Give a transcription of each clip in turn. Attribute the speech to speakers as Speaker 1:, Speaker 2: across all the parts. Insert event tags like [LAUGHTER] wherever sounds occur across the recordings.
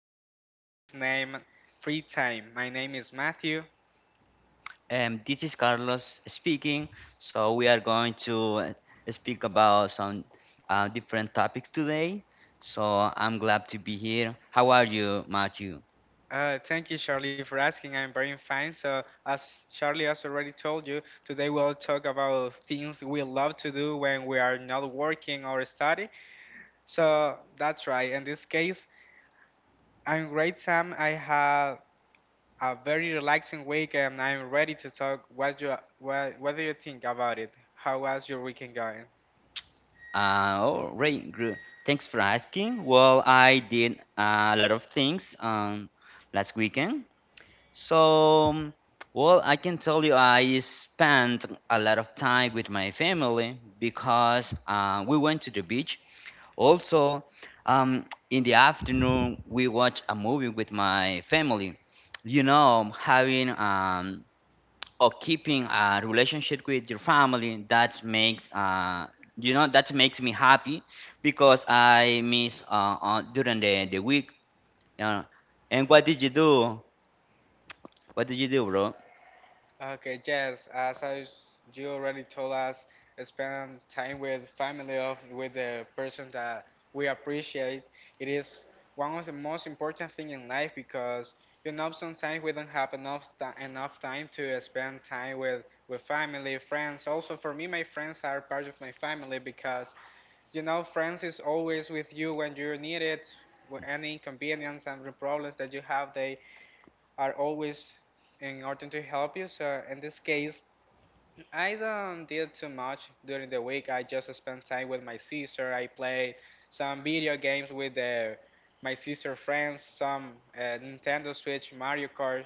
Speaker 1: podcast is named Free Time. My name is Matthew.
Speaker 2: This is Carlos speaking. So we are going to speak about some different topics today. So I'm glad to be here. How are you, Matthew?
Speaker 1: Thank you, Charlie, for asking. I'm very fine. So, as Charlie has already told you, today we'll talk about things we love to do when we are not working or study. So, that's right. In this case, I'm great, Sam. I had a very relaxing week, and I'm ready to talk. What do you think about it? How was your weekend going?
Speaker 2: Uh, oh, great, gr- Thanks for asking. Well, I did a lot of things last weekend. So, um, I can tell you I spent a lot of time with my family because we went to the beach. Also, in the afternoon, we watch a movie with my family. You know, having or keeping a relationship with your family, that makes that makes me happy because I miss during the week. You know. And what did you do? What did you do, bro?
Speaker 1: Okay, yes, as you already told us, spend time with family of with the person that we appreciate. It is one of the most important thing in life because you know sometimes we don't have enough enough time to spend time with family, friends. Also, for me, my friends are part of my family because you know friends is always with you when you need it, with any inconvenience and problems that you have. They are always in order to help you. So in this case, I don't did too much during the week. I just spent time with my sister. I played some video games with my sister friends, some Nintendo Switch, Mario Kart.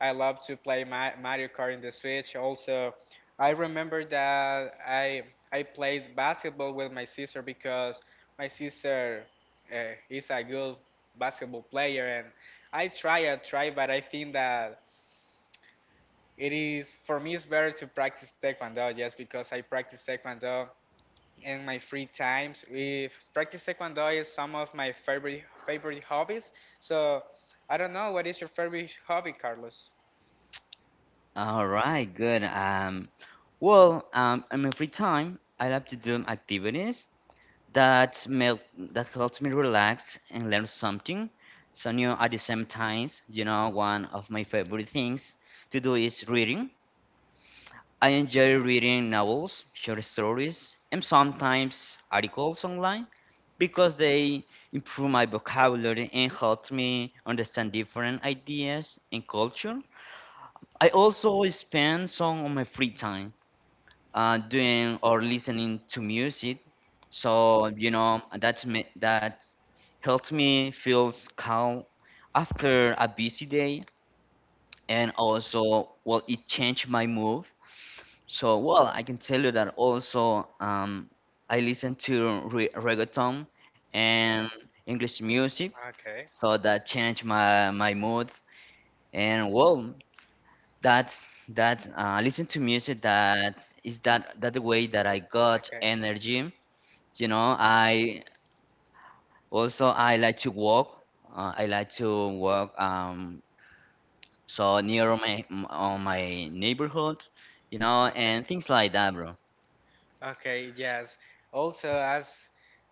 Speaker 1: I love to play Mario Kart in the Switch. Also, I remember that I played basketball with my sister because my sister is a good basketball player, and I try, but I think that it is for me. It's better to practice taekwondo just because I practice taekwondo in my free times. If practice taekwondo is some of my favorite hobbies. So I don't know what is your favorite hobby, Carlos.
Speaker 2: All right, good. In my free time, I love to do activities that mel- that helps me relax and learn something new at the same times, you know. One of my favorite things to do is reading. I enjoy reading novels, short stories, and sometimes articles online because they improve my vocabulary and help me understand different ideas and culture. I also spend some of my free time doing or listening to music. So you know that's me, that helps me feels calm after a busy day, and also well it changed my mood. So well I can tell you that also, I listen to reggaeton and English music,
Speaker 1: Okay.
Speaker 2: so that changed my mood. And well that's that. Listen to music, that is that the way that I got energy, you know. I also, I like to walk. I like to walk, so near on my neighborhood, you know,
Speaker 1: Okay.
Speaker 2: and things like that, bro.
Speaker 1: Okay, yes. Also, as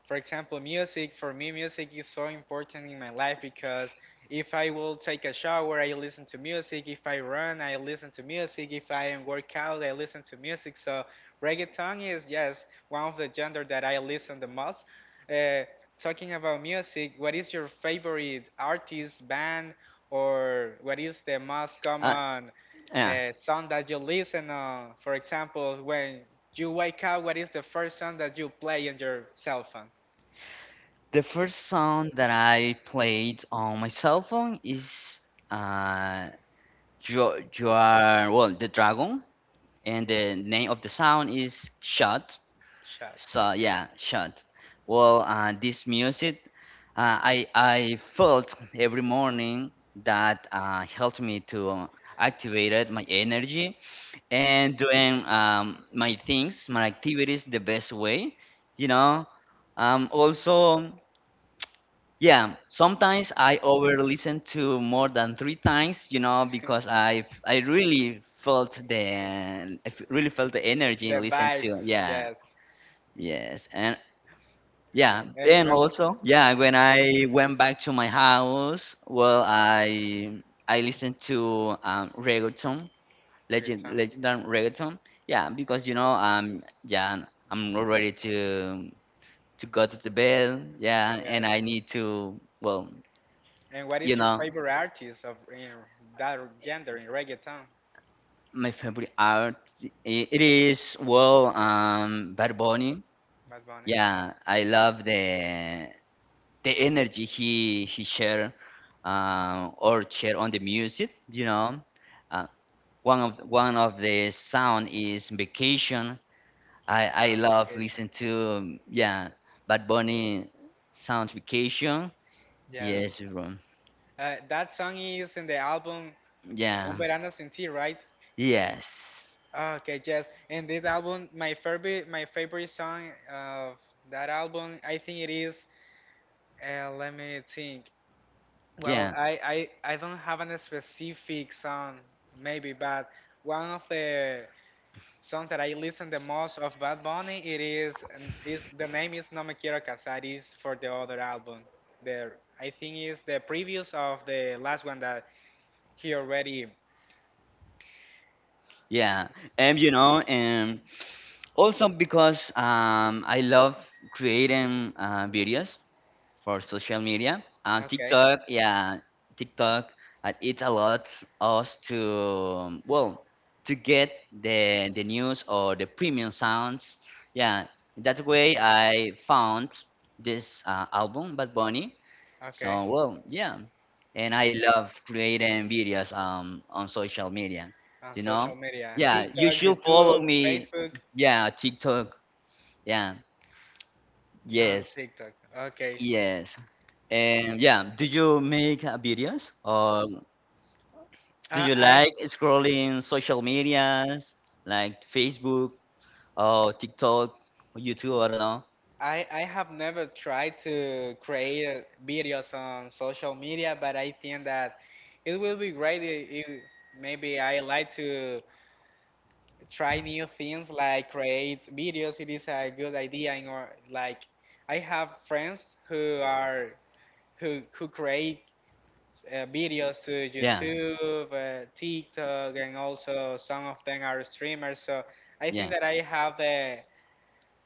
Speaker 1: for example, music, for me, music is so important in my life because if I will take a shower, I listen to music. If I run, I listen to music. If I am work out, I listen to music. So reggaeton is, yes, one of the genre that I listen the most. Uh, Talking about music, what is your favorite artist, band, or what is the most
Speaker 2: Uh,
Speaker 1: common
Speaker 2: yeah.
Speaker 1: song that you listen on. For example, when you wake up, what is the first song that you play on your cell phone?
Speaker 2: The first song that I played on my cell phone is uh, you, you are Well the Dragon, and the name of the sound is Shot.
Speaker 1: Shots.
Speaker 2: So
Speaker 1: Okay. [LAUGHS]
Speaker 2: yeah, Shot. Well, this music, I felt every morning that helped me to activate my energy and doing my things, my activities the best way, you know. Also, yeah, sometimes I over listen to more than 3 times, you know, because I really felt the really felt the energy and
Speaker 1: The
Speaker 2: listen to,
Speaker 1: vibes,
Speaker 2: yeah.
Speaker 1: yes.
Speaker 2: Yes, and
Speaker 1: Yeah.
Speaker 2: yeah, and also, yeah, when I went back to my house, well, I listened to reggaeton,
Speaker 1: For time. [LAUGHS]
Speaker 2: legendary reggaeton. Yeah, because you know, yeah, I'm not ready to go to the bed. Yeah, and
Speaker 1: Yes.
Speaker 2: I need to, well,
Speaker 1: And what is
Speaker 2: you
Speaker 1: your
Speaker 2: know,
Speaker 1: favorite artist of in that gender in reggaeton?
Speaker 2: my favorite it is, well, Bad Bunny.
Speaker 1: Bad Bunny.
Speaker 2: Yeah, I love the energy he share or share on the music, you know. uh, One of the sound is Vacation. I
Speaker 1: Ah,
Speaker 2: love
Speaker 1: vacation.
Speaker 2: listen to, yeah, Bad Bunny sounds Vacation.
Speaker 1: Yes.
Speaker 2: Yes, bro.
Speaker 1: That song is in the album Un
Speaker 2: Yeah,
Speaker 1: Verano Sin Ti, right?
Speaker 2: yes,
Speaker 1: Okay, yes. And that album, my favorite song of that album, I think it is. Let me think. Well,
Speaker 2: yeah,
Speaker 1: I don't have a specific song, maybe, but one of the songs that I listen the most of Bad Bunny, it is, and is the name is No Me Quiero Casar, is for the other album. There, I think is the previous of the last one that he already.
Speaker 2: yeah. And you know, and also because I love creating videos for social media and
Speaker 1: Okay.
Speaker 2: TikTok. Yeah, TikTok. It allows us to, well, to get the news or the premium sounds. Yeah, that way I found this album Bad Bunny.
Speaker 1: Okay.
Speaker 2: So well, yeah, and I love creating videos on social media.
Speaker 1: On
Speaker 2: You know,
Speaker 1: social media,
Speaker 2: yeah, you
Speaker 1: TikTok,
Speaker 2: should follow
Speaker 1: YouTube,
Speaker 2: me.
Speaker 1: Facebook.
Speaker 2: Yeah, TikTok. Yeah,
Speaker 1: No, on
Speaker 2: yes.
Speaker 1: TikTok. Okay.
Speaker 2: Yes. And yeah, do you make videos or do
Speaker 1: I
Speaker 2: you
Speaker 1: I
Speaker 2: like scrolling social medias like Facebook or TikTok or YouTube? I don't know.
Speaker 1: I have never tried to create videos on social media, but I think that it will be great if maybe I like to try new things like create videos. It is a good idea. In or like I have friends who are who create videos to
Speaker 2: Yeah,
Speaker 1: YouTube, TikTok, and also some of them are streamers. So I think
Speaker 2: yeah,
Speaker 1: that I have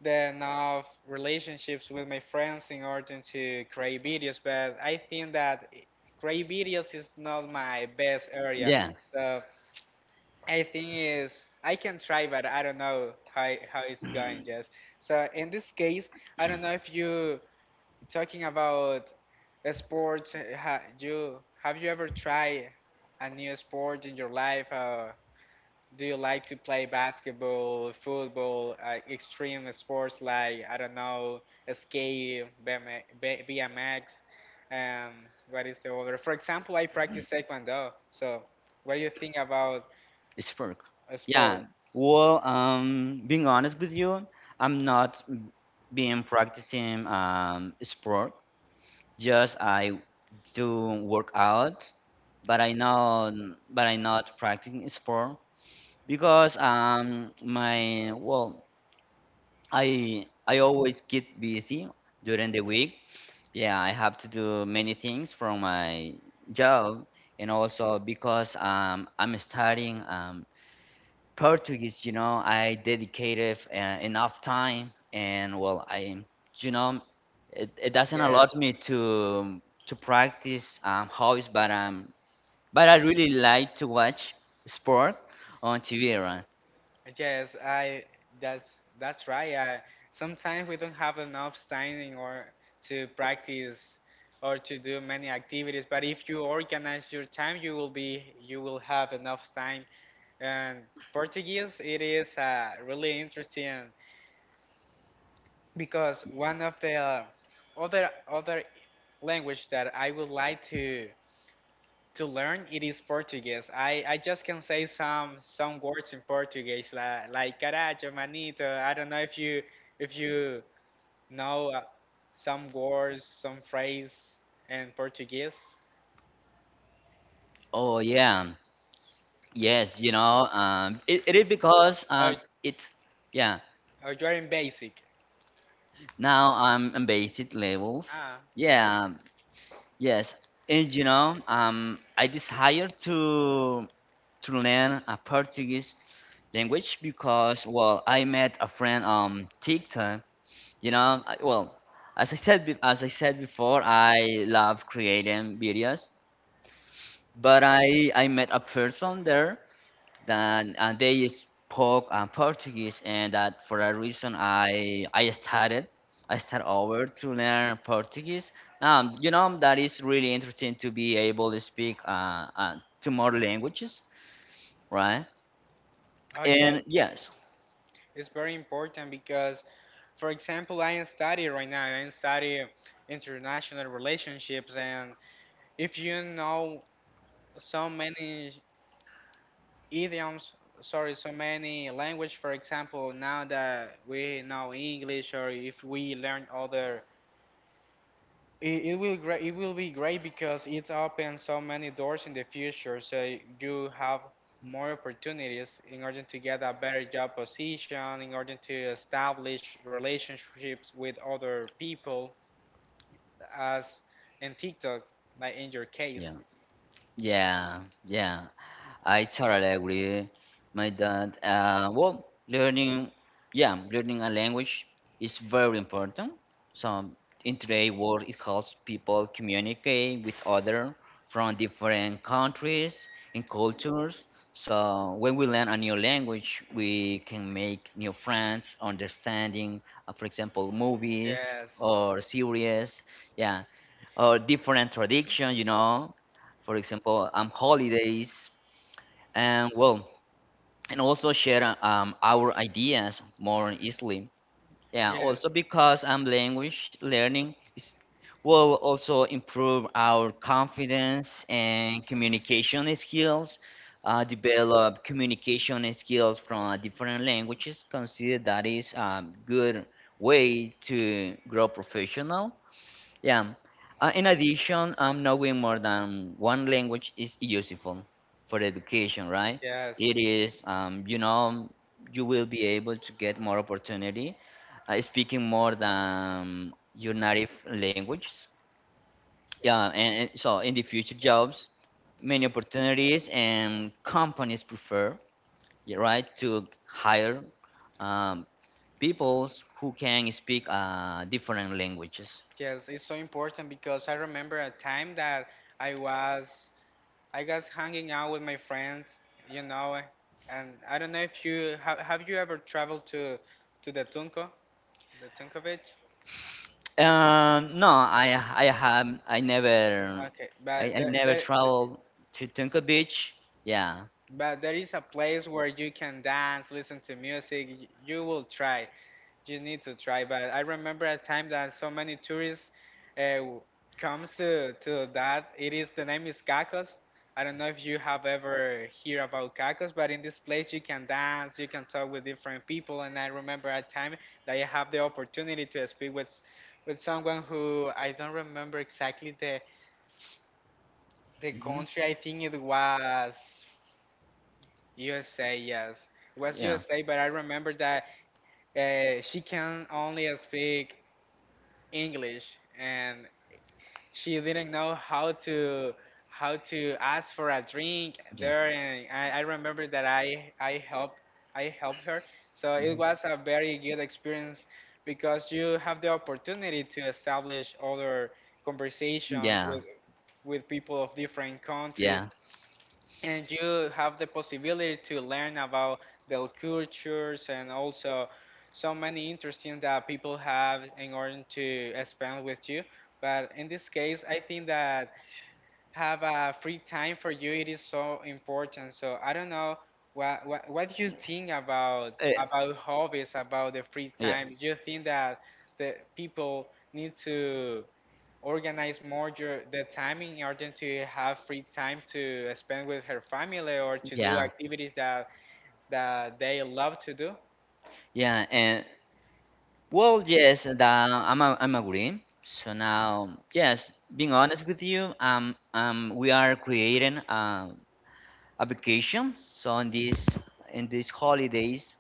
Speaker 1: the enough relationships with my friends in order to create videos. But I think that create videos is not my best area.
Speaker 2: yeah.
Speaker 1: So I think is I can try, but I don't know how it's going. Just so in this case, I don't know if you talking about sports, ha, you ever tried a new sport in your life? Do you like to play basketball, football, extreme sports like I don't know, skate, BM BMX? Um, what is the other? For example, I practice taekwondo. So, what do you think about
Speaker 2: It's work.
Speaker 1: a sport?
Speaker 2: Yeah. Well, being honest with you, I'm not being practicing sport. Just I do work out, but I not practicing sport because my well I always get busy during the week. Yeah, I have to do many things from my job and also because I'm studying Portuguese, you know. I dedicated enough time, and well, I, you know, it doesn't allow
Speaker 1: Yes.
Speaker 2: me to practice hobbies, but I really like to watch sport on TV, right?
Speaker 1: Yes, I that's right. I, sometimes we don't have enough time or to practice or to do many activities, but if you organize your time, you will have enough time. And Portuguese, it is really interesting because one of the other language that I would like to learn it is Portuguese. I just can say some words in Portuguese like carajo, manito. I don't know if you know some words, some phrase in Portuguese.
Speaker 2: Oh yeah, yes, you know, it is because
Speaker 1: Or
Speaker 2: it's, yeah.
Speaker 1: or you're in basic.
Speaker 2: Now I'm in basic levels.
Speaker 1: Ah, yes.
Speaker 2: Yeah, yes, and you know, I desire to learn Portuguese language because well I met a friend on TikTok, you know. I, well, as I said, as I said before, I love creating videos, but I met a person there, that and they spoke Portuguese, and that for a reason I started, I started over to learn Portuguese, you know. That is really interesting to be able to speak to more languages, right?
Speaker 1: Oh
Speaker 2: And
Speaker 1: yes,
Speaker 2: yes,
Speaker 1: it's very important because, for example, I am studying right now. I am studying international relationships, and if you know so many idioms sorry so many language for example now that we know English or if we learn other it, it will great it will be great because it opens so many doors in the future so you have more opportunities in order to get a better job position in order to establish relationships with other people as in TikTok like in your
Speaker 2: yeah,
Speaker 1: case
Speaker 2: yeah, yeah. I totally agree, my dad. Well, learning, yeah, learning a language is very important. So in today's world, it helps people communicate with other from different countries and cultures. So when we learn a new language, we can make new friends, understanding, for example, movies
Speaker 1: yes
Speaker 2: or series, yeah, or different tradition, you know. For example, holidays, and well, and also share our ideas more easily. Yeah, also
Speaker 1: yes
Speaker 2: because language learning is, will also improve our confidence and communication skills. Develop communication skills from different languages, consider that is a good way to grow professional, yeah. In addition, knowing more than one language is useful for education, right?
Speaker 1: yes
Speaker 2: It is, you know, you will be able to get more opportunity speaking more than your native languages. Yeah, and so in the future jobs, many opportunities and companies prefer, yeah, right, to hire um, people who can speak different languages.
Speaker 1: yes, it's so important because I remember a time that I was I was hanging out with my friends, you know, and I don't know if you have you ever traveled to to the Tunco, the Tunco Beach?
Speaker 2: No, I have I never
Speaker 1: Okay,
Speaker 2: I, I never
Speaker 1: there
Speaker 2: traveled to Tunka Beach. Yeah,
Speaker 1: but there is a place where you can dance, listen to music. You will try. You need to try, but I remember a time that so many tourists uh, comes to that. It is the name is Cacos. I don't know if you have ever hear about Cacos, but in this place you can dance, you can talk with different people. And I remember a time that I have the opportunity to speak with someone who I don't remember exactly the
Speaker 2: hmm.
Speaker 1: country. I think it was USA. Yes, it was
Speaker 2: Yeah.
Speaker 1: USA. But I remember that she can only speak English and she didn't know how to ask for a drink
Speaker 2: Yeah.
Speaker 1: there and I remember that I helped her so it
Speaker 2: Mhm.
Speaker 1: was a very good experience because you have the opportunity to establish other conversations
Speaker 2: Yeah.
Speaker 1: with people of different countries
Speaker 2: Yeah.
Speaker 1: and you have the possibility to learn about their cultures and also so many interesting that people have in order to spend with you but in this case I think that have a free time for you it is so important so I don't know what you think about
Speaker 2: Eh,
Speaker 1: hobbies about the free
Speaker 2: yeah.
Speaker 1: time do you think that the people need to organize more your the time in order to have free time to spend with her family or to do
Speaker 2: Yeah.
Speaker 1: activities that they love to do.
Speaker 2: Yeah, and well, yes, and, I'm a, I'm agreeing. So now, yes, being honest with you, we are creating a vacation. So on this in these holidays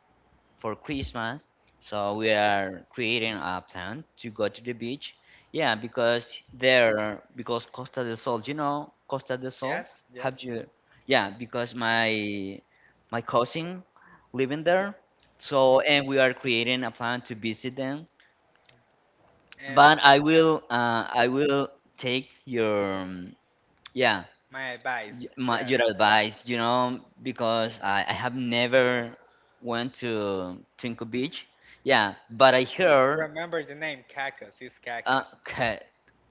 Speaker 2: for Christmas, so we are creating a plan to go to the beach. Yeah, because there, because Costa del Sol, you know, Costa del Sol.
Speaker 1: Yes,
Speaker 2: Have
Speaker 1: yes.
Speaker 2: you? Yeah, because my cousin living there. So, and we are creating a plan to visit them,
Speaker 1: And
Speaker 2: but I will take your, yeah,
Speaker 1: my advice, yes.
Speaker 2: your advice, you know, because I have never went to Tinko Beach. Yeah, but I heard,
Speaker 1: Remember the name Cacos is
Speaker 2: uh,
Speaker 1: Cacos.
Speaker 2: ca-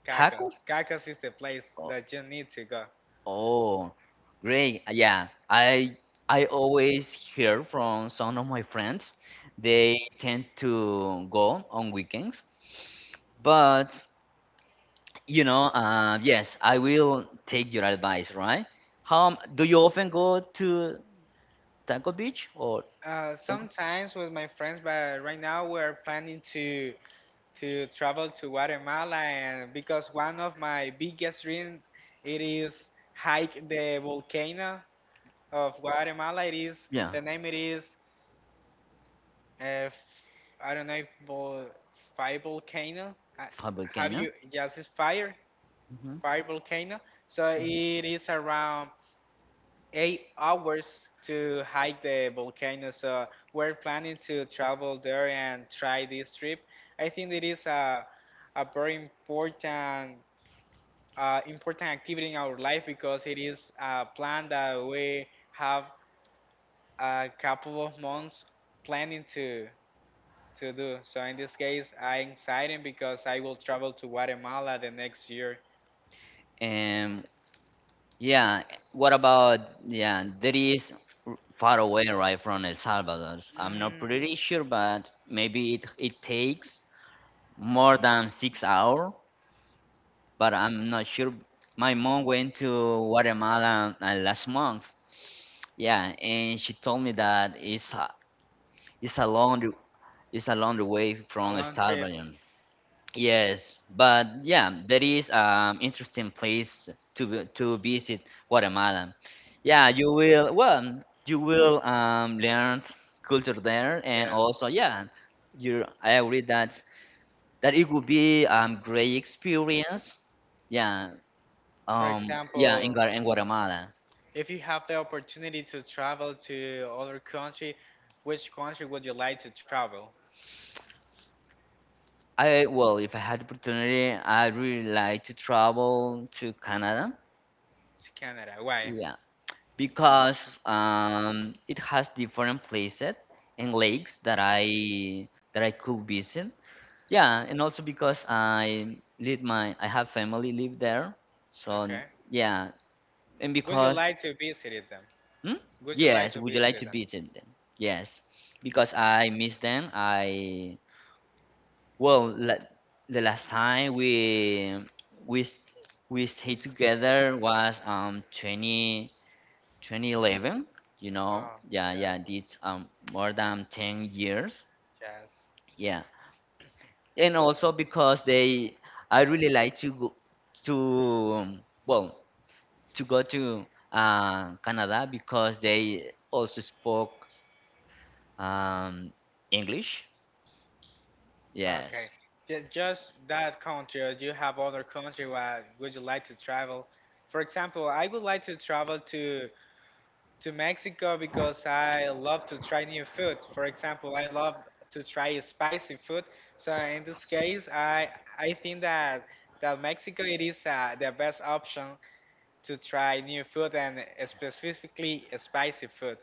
Speaker 1: Cacos.
Speaker 2: tacos?
Speaker 1: Cacos is the place
Speaker 2: Oh,
Speaker 1: that you need to go.
Speaker 2: oh, great. Yeah, I always hear from some of my friends. They tend to go on weekends, but you know, yes, I will take your advice, right? How do you often go to Taco Beach or Taco?
Speaker 1: Sometimes with my friends, but right now we're planning to travel to Guatemala and because one of my biggest dreams it is hike the volcano of Guatemala. It is
Speaker 2: Yeah,
Speaker 1: the name it is uh, f- I don't know if fire volcano.
Speaker 2: Fab
Speaker 1: Have
Speaker 2: Volcano.
Speaker 1: you yes it's fire
Speaker 2: Hmm.
Speaker 1: volcano. So it is around 8 hours to hike the volcano. So we're planning to travel there and try this trip. I think it is a very important important activity in our life because it is a plan that we have a couple of months planning to do. So in this case, I'm excited because I will travel to Guatemala the next year.
Speaker 2: And yeah, what about yeah? That is far away, right, from El Salvador. I'm not
Speaker 1: Mm,
Speaker 2: pretty sure, but maybe it takes more than 6 hours. But I'm not sure. My mom went to Guatemala last month. Yeah, and she told me that it's a long, it's a long way
Speaker 1: a
Speaker 2: from El
Speaker 1: long trip,
Speaker 2: Salvador. Yes, but yeah, there is interesting place to to visit Guatemala. Yeah, you will, well, you will learn culture there, and
Speaker 1: yes.
Speaker 2: also yeah, you, I agree that it will be great experience. Yeah,
Speaker 1: For
Speaker 2: yeah, in
Speaker 1: example,
Speaker 2: In Guatemala.
Speaker 1: if you have the opportunity to travel to other country, which country would you like to travel?
Speaker 2: I, well, if I had opportunity, I'd really like to travel to Canada.
Speaker 1: To Canada. Why?
Speaker 2: Yeah, because it has different places and lakes that I could visit. Yeah, and also because I live my, I have family live there. So
Speaker 1: Okay.
Speaker 2: yeah, and
Speaker 1: Would you
Speaker 2: because
Speaker 1: like to visit them?
Speaker 2: hmm?
Speaker 1: Would you like
Speaker 2: Yes,
Speaker 1: to
Speaker 2: would you like
Speaker 1: visit
Speaker 2: to
Speaker 1: them?
Speaker 2: visit them? Yes, because I miss them. I well, la the last time we st we stayed together was 20 twenty eleven, you know.
Speaker 1: Oh,
Speaker 2: Yeah, yeah,
Speaker 1: yes,
Speaker 2: it's more than 10 years.
Speaker 1: yes.
Speaker 2: Yeah. And also because they, I really like to go to, um, well, to go to Canada, because they also spoke um English.
Speaker 1: Okay.
Speaker 2: Yes.
Speaker 1: Just that country, or do you have other country where would you like to travel? For example, I would like to travel to Mexico because I love to try new food. For example, I love to try spicy food. So in this case, I think that Mexico it is the best option to try new food and specifically spicy food.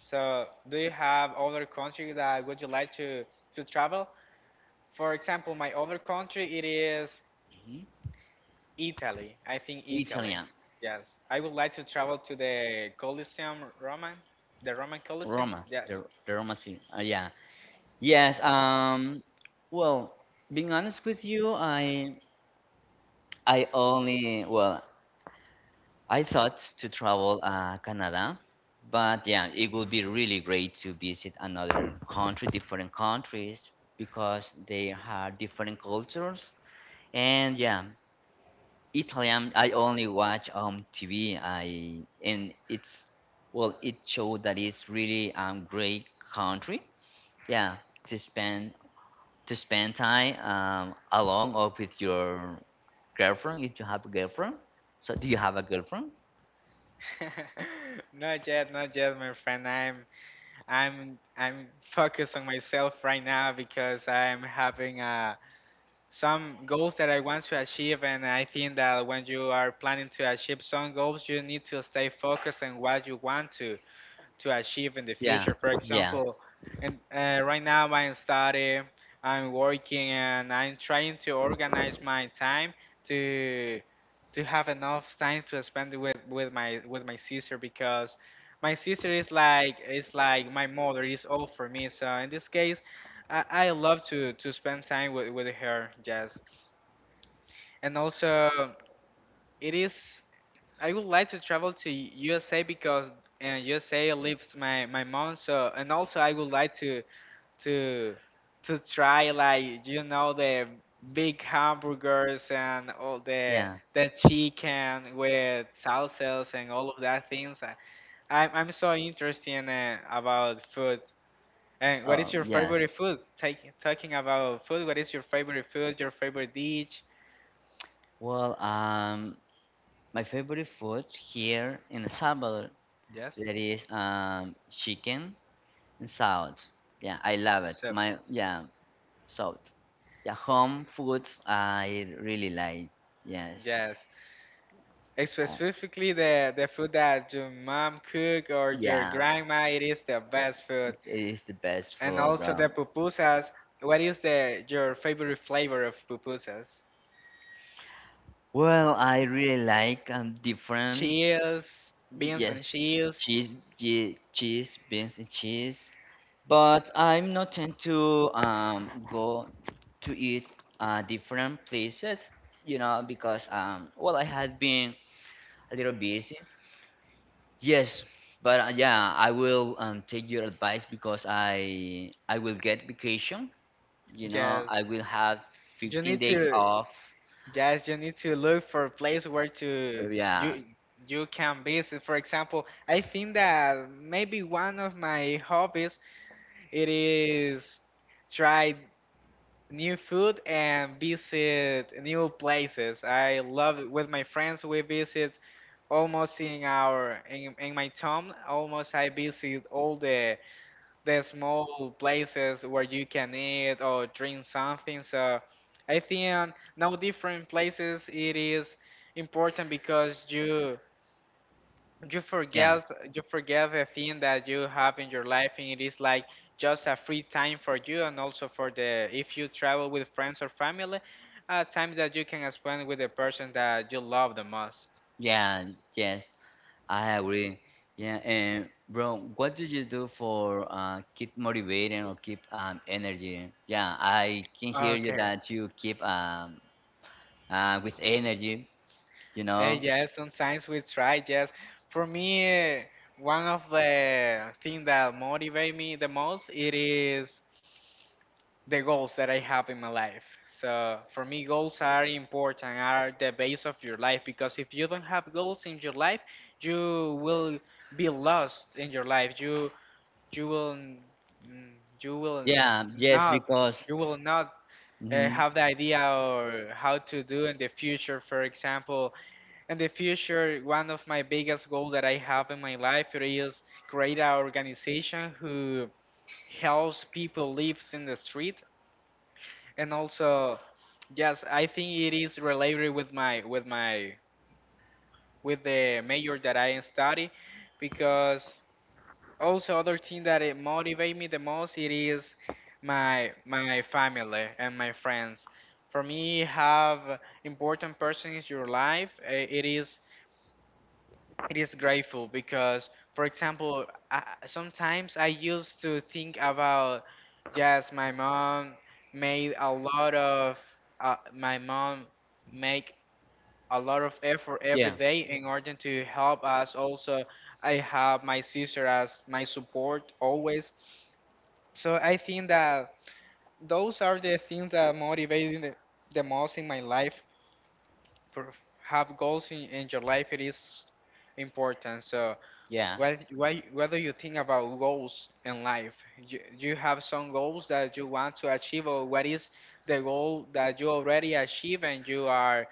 Speaker 1: So, do you have other country that would you like to travel? For example, my other country it is
Speaker 2: Mhm.
Speaker 1: Italy. I think Italy.
Speaker 2: Italian,
Speaker 1: Yes, I would like to travel to the Colosseum Roman, the Roman Colosseum.
Speaker 2: Roma,
Speaker 1: Yes.
Speaker 2: the Roma city. Yeah. Yes, well, being honest with you, I only, well, I thought to travel Canada, but yeah, it would be really great to visit another country, different countries, because they have different cultures. And yeah, Italian, I only watch TV. I, and it's well, it showed that it's really great country. Yeah, to spend, to spend time alone or with your girlfriend, if you have a girlfriend. So, do you have a girlfriend?
Speaker 1: [LAUGHS] Not yet, not yet, my friend. I'm focused on myself right now because I'm having a some goals that I want to achieve, and I think that when you are planning to achieve some goals, you need to stay focused on what you want to achieve in the
Speaker 2: Yeah,
Speaker 1: future. For
Speaker 2: yeah,
Speaker 1: example, and right now I'm studying, I'm working, and I'm trying to organize my time to to have enough time to spend with my sister because my sister is like my mother is all for me. So in this case, I love to spend time with her. Yes, and also it is. I would like to travel to USA because and USA lives my mom so, and also I would like to to try, like the big hamburgers and all
Speaker 2: yeah.
Speaker 1: the chicken with salsas and all of that things. I'm so interested about food. And what
Speaker 2: Oh,
Speaker 1: is your
Speaker 2: yes.
Speaker 1: favorite food? Talking about food, what is your favorite food? Your favorite dish?
Speaker 2: Well, my favorite food here in El Salvador,
Speaker 1: Yes.
Speaker 2: that is chicken and salad. Yeah, I love it.
Speaker 1: So.
Speaker 2: My, yeah, so, yeah, home foods I really like. Yes.
Speaker 1: Yes.
Speaker 2: Uh,
Speaker 1: Specifically, the food that your mom cook or your
Speaker 2: yeah,
Speaker 1: grandma, it is the best food.
Speaker 2: it is the best
Speaker 1: And
Speaker 2: food,
Speaker 1: also
Speaker 2: bro.
Speaker 1: the pupusas. What is the your favorite flavor of pupusas?
Speaker 2: Well, I really like different.
Speaker 1: Cheese, beans
Speaker 2: Yes,
Speaker 1: and cheese.
Speaker 2: cheese, cheese, beans and cheese. But I'm not tend to go to eat different places, you know, because well I have been a little busy. Yes, but yeah, I will, take your advice because I will get vacation.
Speaker 1: Yes,
Speaker 2: I will have
Speaker 1: you
Speaker 2: 15
Speaker 1: need
Speaker 2: days
Speaker 1: to.
Speaker 2: off.
Speaker 1: Yes, you need to look for a place where
Speaker 2: So,
Speaker 1: to
Speaker 2: yeah,
Speaker 1: you you can visit. For example, I think that maybe one of my hobbies it is try new food and visit new places. I love it. With my friends, we visit almost in our in my town. Almost I visit all the small places where you can eat or drink something. So I think no different places. It is important because you
Speaker 2: yeah,
Speaker 1: forget you forget the thing that you have in your life, and it is like just a free time for you and also for the if you travel with friends or family, a time that you can spend with the person that you love the most.
Speaker 2: yeah. Yes, I agree. Yeah, and bro, what do you do for keep motivating or keep energy? Yeah, I can hear you
Speaker 1: Okay.
Speaker 2: that you keep with energy. You know.
Speaker 1: Yes, sometimes we try. Yes, for me, one of the things that motivate me the most it is the goals that I have in my life. So for me, goals are important, are the base of your life, because if you don't have goals in your life, you will be lost in your life. You will mm, you will
Speaker 2: Yeah, yes,
Speaker 1: not
Speaker 2: because
Speaker 1: you will not
Speaker 2: mhm,
Speaker 1: have the idea or how to do in the future. For example, in the future, one of my biggest goals that I have in my life is create an organization who helps people lives in the street. And also, yes, I think it is related with my with my with the major that I study, because also other thing that it motivate me the most it is my family and my friends. For me, have important person in your life, it is grateful, because for example, sometimes I used to think about, yes, my mom made a lot of my mom make a lot of effort every
Speaker 2: yeah,
Speaker 1: day in order to help us. Also, I have my sister as my support always. So I think that those are the things that motivated the most in my life. per- have goals in your life, it is important. So
Speaker 2: yeah,
Speaker 1: what do you think about goals in life? You have some goals that you want to achieve, or what is the goal that you already achieve and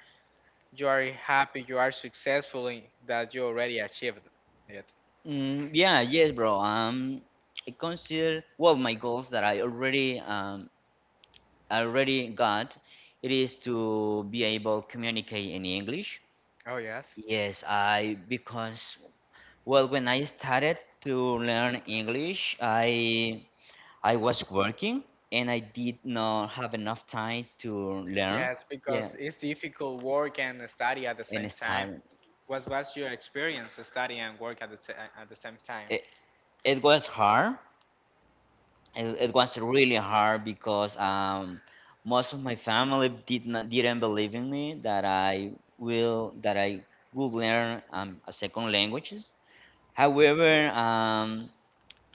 Speaker 1: you are happy, you are successful in that you already achieved it?
Speaker 2: yeah, yes, bro. I consider well my goals that I already got. It is to be able to communicate in English.
Speaker 1: Oh, yes,
Speaker 2: Yes, I because well when I started to learn English, I was working and I did not have enough time to learn.
Speaker 1: yes,
Speaker 2: Yeah,
Speaker 1: because it's difficult work and study at the
Speaker 2: and
Speaker 1: same
Speaker 2: it's
Speaker 1: time.
Speaker 2: hard.
Speaker 1: What was your experience to study and work at the at the same time?
Speaker 2: It, it was hard, it, it was really hard because most of my family didn't believe in me that I will that I would learn a second languages. However,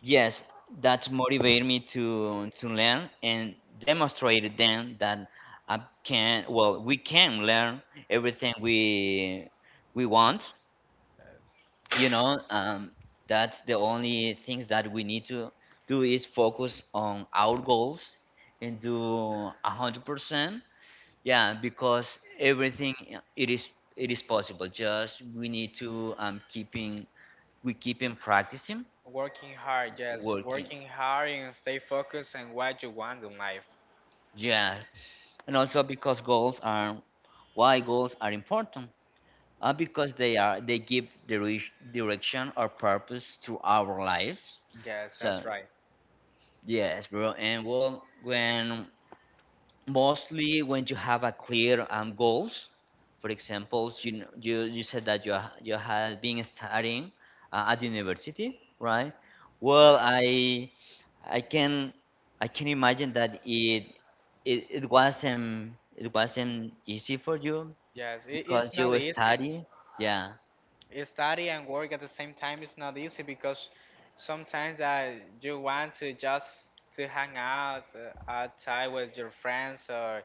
Speaker 2: yes, that motivated me to learn and demonstrated them that I can well we can learn everything we want,
Speaker 1: Yes.
Speaker 2: you know, that's the only things that we need to do is focus on our goals and do 100% yeah because everything it is possible, just we need to keeping we keep in practicing
Speaker 1: Working hard, yes.
Speaker 2: working,
Speaker 1: Working hard and stay focused on what you want in life.
Speaker 2: yeah, and also because goals are why goals are important, because they give direction or purpose to our lives.
Speaker 1: Yes,
Speaker 2: So
Speaker 1: that's right.
Speaker 2: yes, bro. And well, when mostly when you have a clear goals, for example, you you said that you you had been studying at university, right? Well, I can I can imagine that it, it wasn't, it wasn't easy for you
Speaker 1: Yes, it is
Speaker 2: because you
Speaker 1: not easy.
Speaker 2: study, yeah.
Speaker 1: Study and work at the same time is not easy, because sometimes that you want to just to hang out outside with your friends, or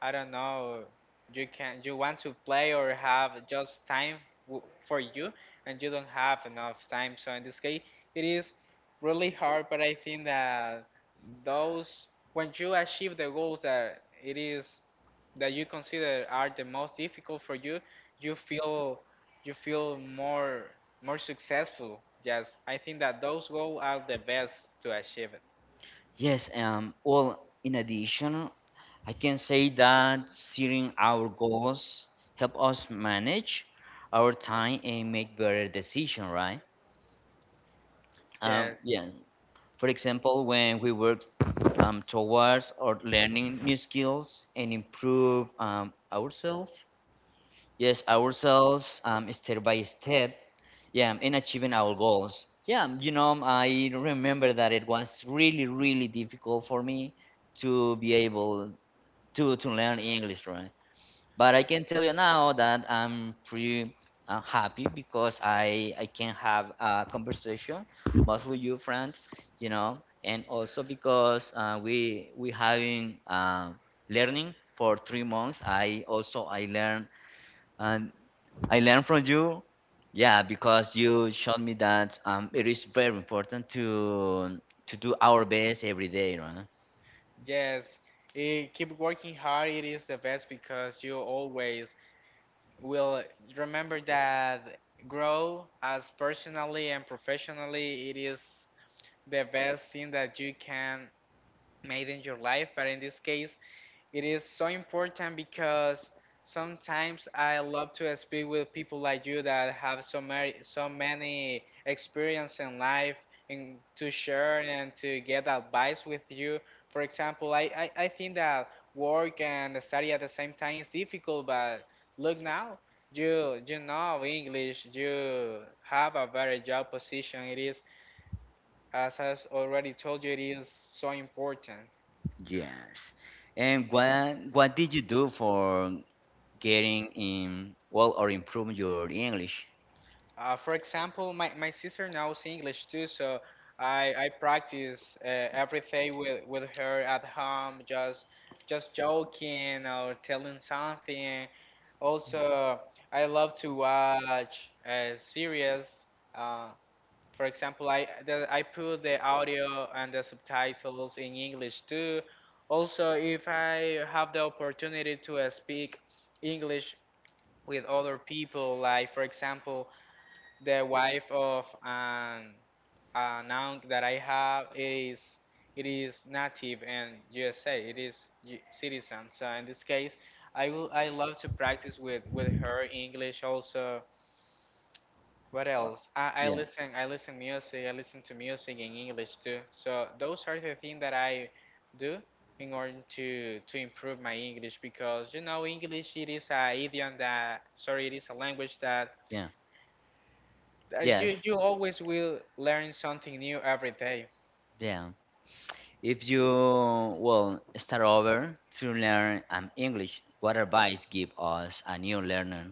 Speaker 1: I don't know. You can you want to play or have just time for you, and you don't have enough time. So in this case, it is really hard. But I think that those, when you achieve the goals that it is that you consider are the most difficult for you, you feel you feel more successful. Yes, I think that those goals are the best to achieve it.
Speaker 2: Yes, well, in addition, I can say that setting our goals help us manage our time and make better decision, right?
Speaker 1: Yes.
Speaker 2: Yeah. For example, when we work towards or learning new skills and improve ourselves, yes, ourselves step by step, yeah, in achieving our goals. Yeah, you know, I remember that it was really, really difficult for me to be able to learn English, right? But I can tell you now that I'm pretty happy because I can have a conversation mostly you friends, you know, and also because we having learning for 3 months. I learn and I learn from you. Yeah, because you showed me that it is very important to do our best every day, right?
Speaker 1: Yes, keep working hard. It is the best, because you always will remember that grow as personally and professionally. It is the best thing that you can made in your life. But in this case, it is so important, because sometimes I love to speak with people like you that have so many experience in life, and to share and to get advice with you. For example, I think that work and study at the same time is difficult, but look now, you know English, you have a very job position. It is, as I already told you, it is so important.
Speaker 2: Yes. And what did you do for getting in well or improve your English?
Speaker 1: For example, my sister knows English too, so I practice everything with her at home, just joking or telling something. Also, I love to watch series. Uh, for example, I put the audio and the subtitles in English too. Also, if I have the opportunity to speak English with other people, like for example the wife of an aunt that I have is it is native in USA. It is citizen. So in this case, I love to practice with her English also. What
Speaker 2: Uh,
Speaker 1: else?
Speaker 2: yeah,
Speaker 1: I listen music. I listen to music in English too. So those are the things that I do in order to improve my English, because you know English it is a idiom that, sorry, it is a language that
Speaker 2: yeah,
Speaker 1: you
Speaker 2: yes,
Speaker 1: you always will learn something new every day.
Speaker 2: yeah. If you well start over to learn English, what advice give us a new learner?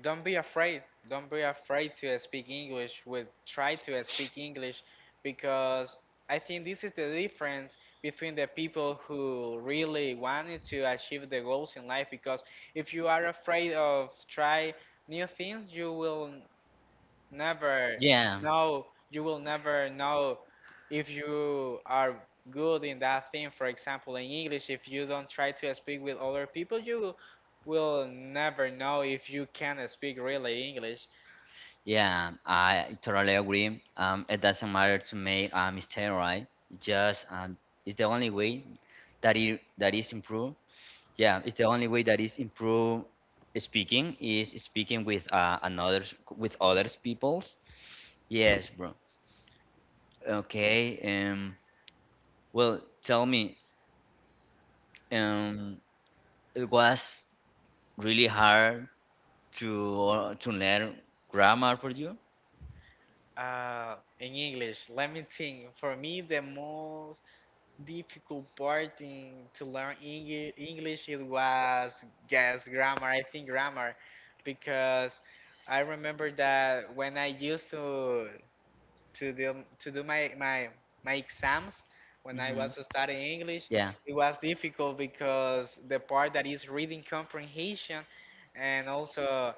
Speaker 1: Don't be afraid. Don't be afraid to speak English. Will try to speak English, because I think this is the difference between the people who really wanted to achieve the goals in life. Because if you are afraid of try new things, you will. Never.
Speaker 2: Yeah.
Speaker 1: No, you will never know if you are good in that thing. For example, in English, if you don't try to speak with other people, you will never know if you can speak really English.
Speaker 2: Yeah, I totally agree. It doesn't matter to make a mistake, right? It just it's the only way that it that is improved. Yeah, it's the only way that is improve speaking is speaking with another with others peoples. Yes, bro. Okay. Um. Well, tell me. Um. It was really hard to learn grammar for you.
Speaker 1: In English, let me think. For me, the most difficult part in to learn English it was guess grammar. I think grammar, because I remember that when I used to do my exams when I
Speaker 2: Hmm.
Speaker 1: was studying English,
Speaker 2: Yeah.
Speaker 1: it was difficult because the part that is reading comprehension and also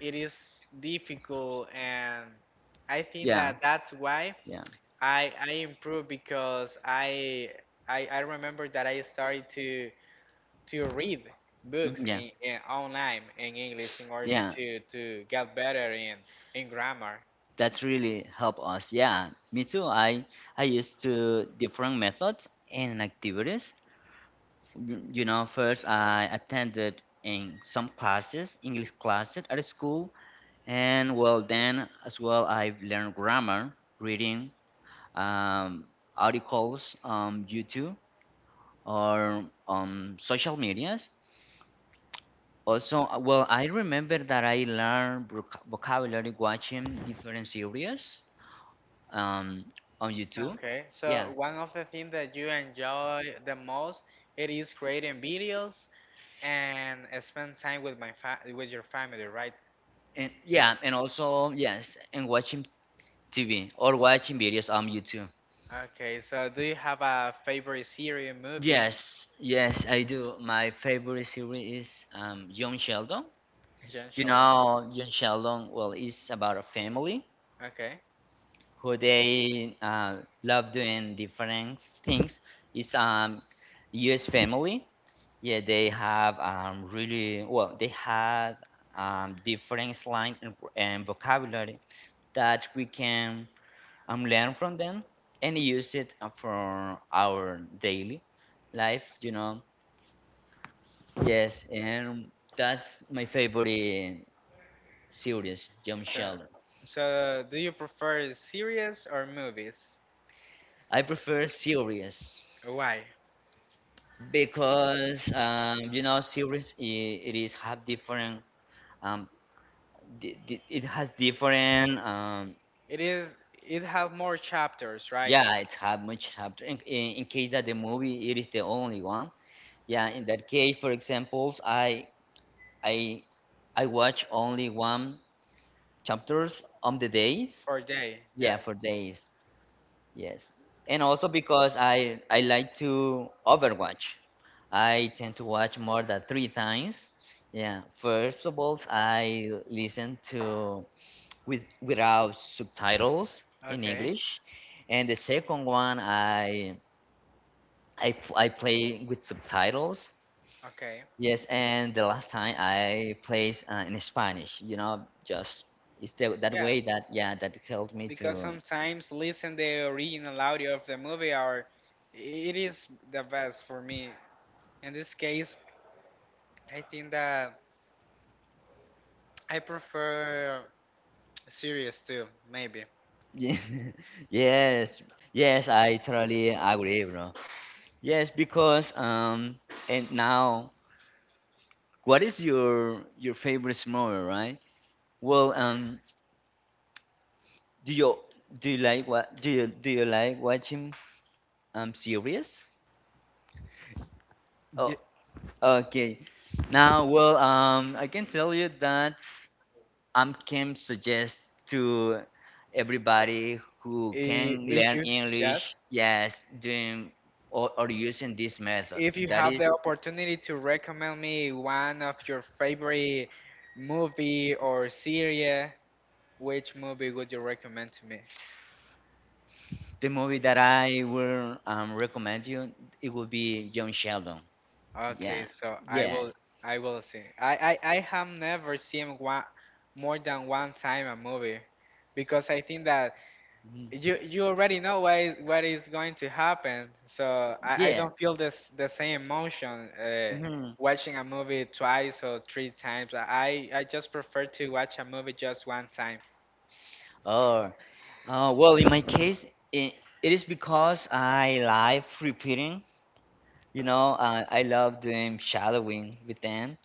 Speaker 1: it is difficult. And I think
Speaker 2: Yeah.
Speaker 1: that that's why
Speaker 2: Yeah.
Speaker 1: I improved, because I remember that I started to read books
Speaker 2: Mhm. Yeah.
Speaker 1: in online in English in order
Speaker 2: Yeah.
Speaker 1: to get better in grammar.
Speaker 2: That's really help us. Yeah. Me too. I used to different methods and activities. Mm, you know, first I attended in some classes english classes at school and well then as well I've learned grammar reading um, articles on youtube or on social medias. Also well I remember that I learned vocabulary watching different series um, on youtube.
Speaker 1: Okay,
Speaker 2: Yeah,
Speaker 1: so one of the things that you enjoy the most it is creating videos and spend time with my fa with your family, right?
Speaker 2: and yeah, and also yes, and watching tv or watching videos on youtube.
Speaker 1: Okay, so do you have a favorite series, movie?
Speaker 2: Yes, yes, I do. My favorite series is Young Sheldon.
Speaker 1: Jean
Speaker 2: You
Speaker 1: Shalom.
Speaker 2: know, Young Sheldon, well, it's about a family
Speaker 1: Okay,
Speaker 2: who they love doing different things. It's U.S. family. Yeah, they have really well, they had different slang and vocabulary that we can learn from them and use it for our daily life. You know, yes, and that's my favorite series, Jump
Speaker 1: so
Speaker 2: Sheldon.
Speaker 1: so do you prefer series or movies?
Speaker 2: I prefer series
Speaker 1: Why?
Speaker 2: because you know series it is have different um it has different
Speaker 1: It is it have more chapters, right?
Speaker 2: yeah it's have much chapter, in case that the movie it is the only one, yeah, in that case for examples I I watch only one chapters on the days,
Speaker 1: Per day,
Speaker 2: yeah,
Speaker 1: yes.
Speaker 2: for days. Yes. And also because I like to overwatch. I tend to watch more than three times. Yeah. First of all, I listen to with without subtitles in
Speaker 1: Okay,
Speaker 2: English. And the second one I play with subtitles.
Speaker 1: okay.
Speaker 2: Yes, and the last time I played in Spanish, you know, just it's the, that way
Speaker 1: Yes,
Speaker 2: that yeah, that helped me
Speaker 1: because
Speaker 2: to
Speaker 1: sometimes listen the original audio of the movie or it is the best for me. In this case, I think that I prefer series too, maybe.
Speaker 2: Ye- [LAUGHS] Yes, yes, I totally agree, bro. Yes, because and now, what is your favorite movie, right? Well, do you do you like watching series?
Speaker 1: Ye-
Speaker 2: Oh, okay. Now, well, I can tell you that. I can suggest to everybody who can
Speaker 1: If
Speaker 2: learn
Speaker 1: you
Speaker 2: English,
Speaker 1: Yes.
Speaker 2: yes, doing or using this method.
Speaker 1: If you
Speaker 2: That
Speaker 1: have
Speaker 2: is
Speaker 1: the opportunity to recommend me one of your favorite movie or series, which movie would you recommend to me?
Speaker 2: the movie that I will recommend you. It will be John Sheldon. Yeah,
Speaker 1: Okay, so
Speaker 2: yes,
Speaker 1: I will see. I have never seen one more than one time a movie, because I think that
Speaker 2: mhm,
Speaker 1: you already know what is going to happen. So I
Speaker 2: yeah,
Speaker 1: don't feel this the same emotion
Speaker 2: mhm.
Speaker 1: watching a movie twice or three times. I just prefer to watch a movie just one time.
Speaker 2: Or well, in my case, it, it is because I like repeating. You know, I love doing shadowing with them.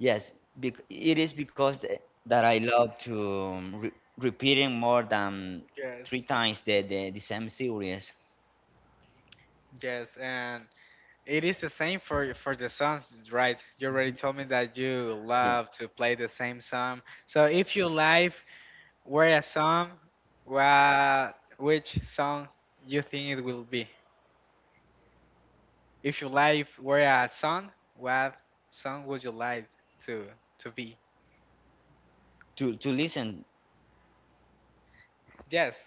Speaker 2: Yes, bec it is because th that I love to re repeating more than
Speaker 1: Yes.
Speaker 2: three times the, the same series.
Speaker 1: Yes, and it is the same for the songs, right? You already told me that you
Speaker 2: Yeah.
Speaker 1: love to play the same song. So if your life were a song, what which song you think it will be? If your life were a song, what song would you like to be?
Speaker 2: To listen,
Speaker 1: Yes.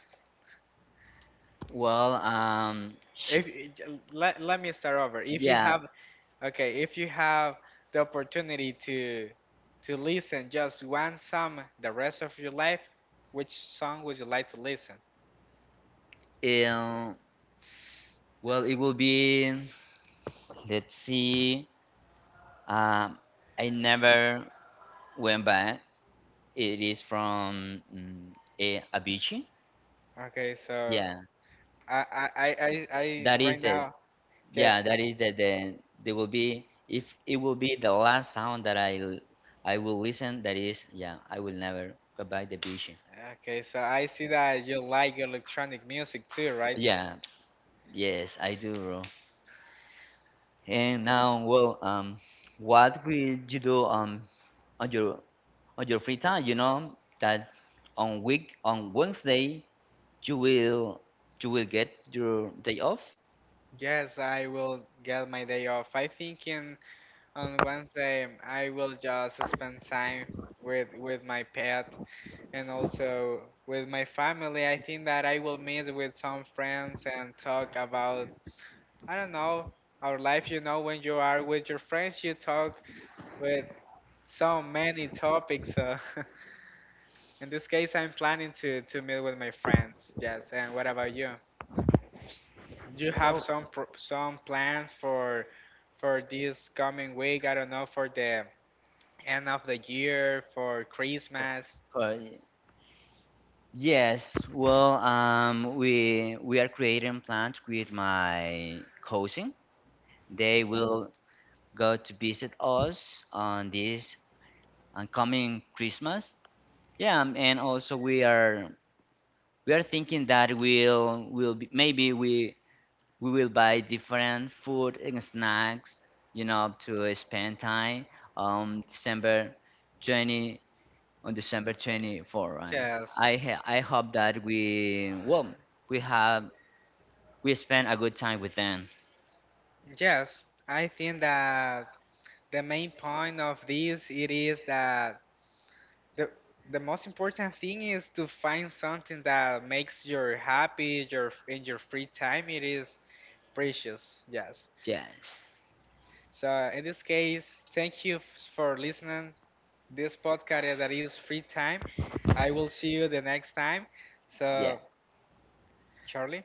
Speaker 2: well, um, sh
Speaker 1: If let me start over. If you
Speaker 2: yeah,
Speaker 1: have okay, if you have the opportunity to listen just one song the rest of your life, which song would you like to listen?
Speaker 2: um, well, it will be. Let's see. Um, I never went back. It is from Avicii.
Speaker 1: Okay, so
Speaker 2: Yeah, that
Speaker 1: I
Speaker 2: is
Speaker 1: right
Speaker 2: the
Speaker 1: now just
Speaker 2: yeah, that is the there will be if it will be the last sound that I will listen. That is, yeah, I will never go back the vision.
Speaker 1: okay. So I see that you like electronic music too, right?
Speaker 2: Yeah, yes, I do, bro. And now, well, what would you do on your on your free time? You know that on week on Wednesday you will you will get your day off.
Speaker 1: Yes, I will get my day off. I thinking on Wednesday I will just spend time with my pet and also with my family. I think that I will meet with some friends and talk about, I don't know, our life. You know, when you are with your friends, you talk with so many topics. So [LAUGHS] in this case, I'm planning to meet with my friends. Yes, and what about you? Do you have some plans for this coming week? I don't know, for the end of the year, for
Speaker 2: For,
Speaker 1: Christmas?
Speaker 2: for, Yes, well, we are creating plans with my cousin. They will go to visit us on this coming Christmas. Yeah, and also we are thinking that we'll will be, maybe we will buy different food and snacks, you know, to spend time on December 20, on December 24, right?
Speaker 1: Yes.
Speaker 2: I hope that we well we have we spend a good time with them.
Speaker 1: Yes, I think that the main point of this, it is that the the most important thing is to find something that makes you happy. Your in your free time, it is precious. Yes,
Speaker 2: Yes.
Speaker 1: so in this case, thank you for listening this podcast that is free time. I will see you the next time.
Speaker 2: Yeah.
Speaker 1: So Charlie,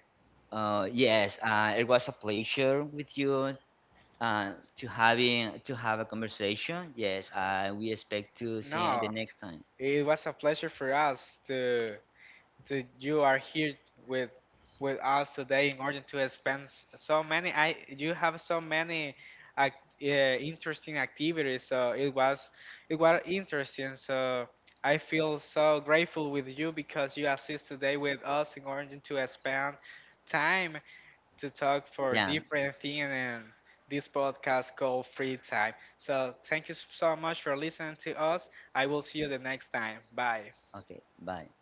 Speaker 2: Yes, it was a pleasure with you to have a conversation. Yes, we expect to see you
Speaker 1: no,
Speaker 2: the next time.
Speaker 1: it was a pleasure for us to that you are here with us today, in order to spend so many, I you have so many act, interesting activities, so it was, it was interesting. So I feel so grateful with you because you assist today with us in order to spend time to talk for
Speaker 2: Yeah.
Speaker 1: different things, and this podcast called Free Time. So thank you so much for listening to us. I will see you the next time. Bye.
Speaker 2: Okay. Bye.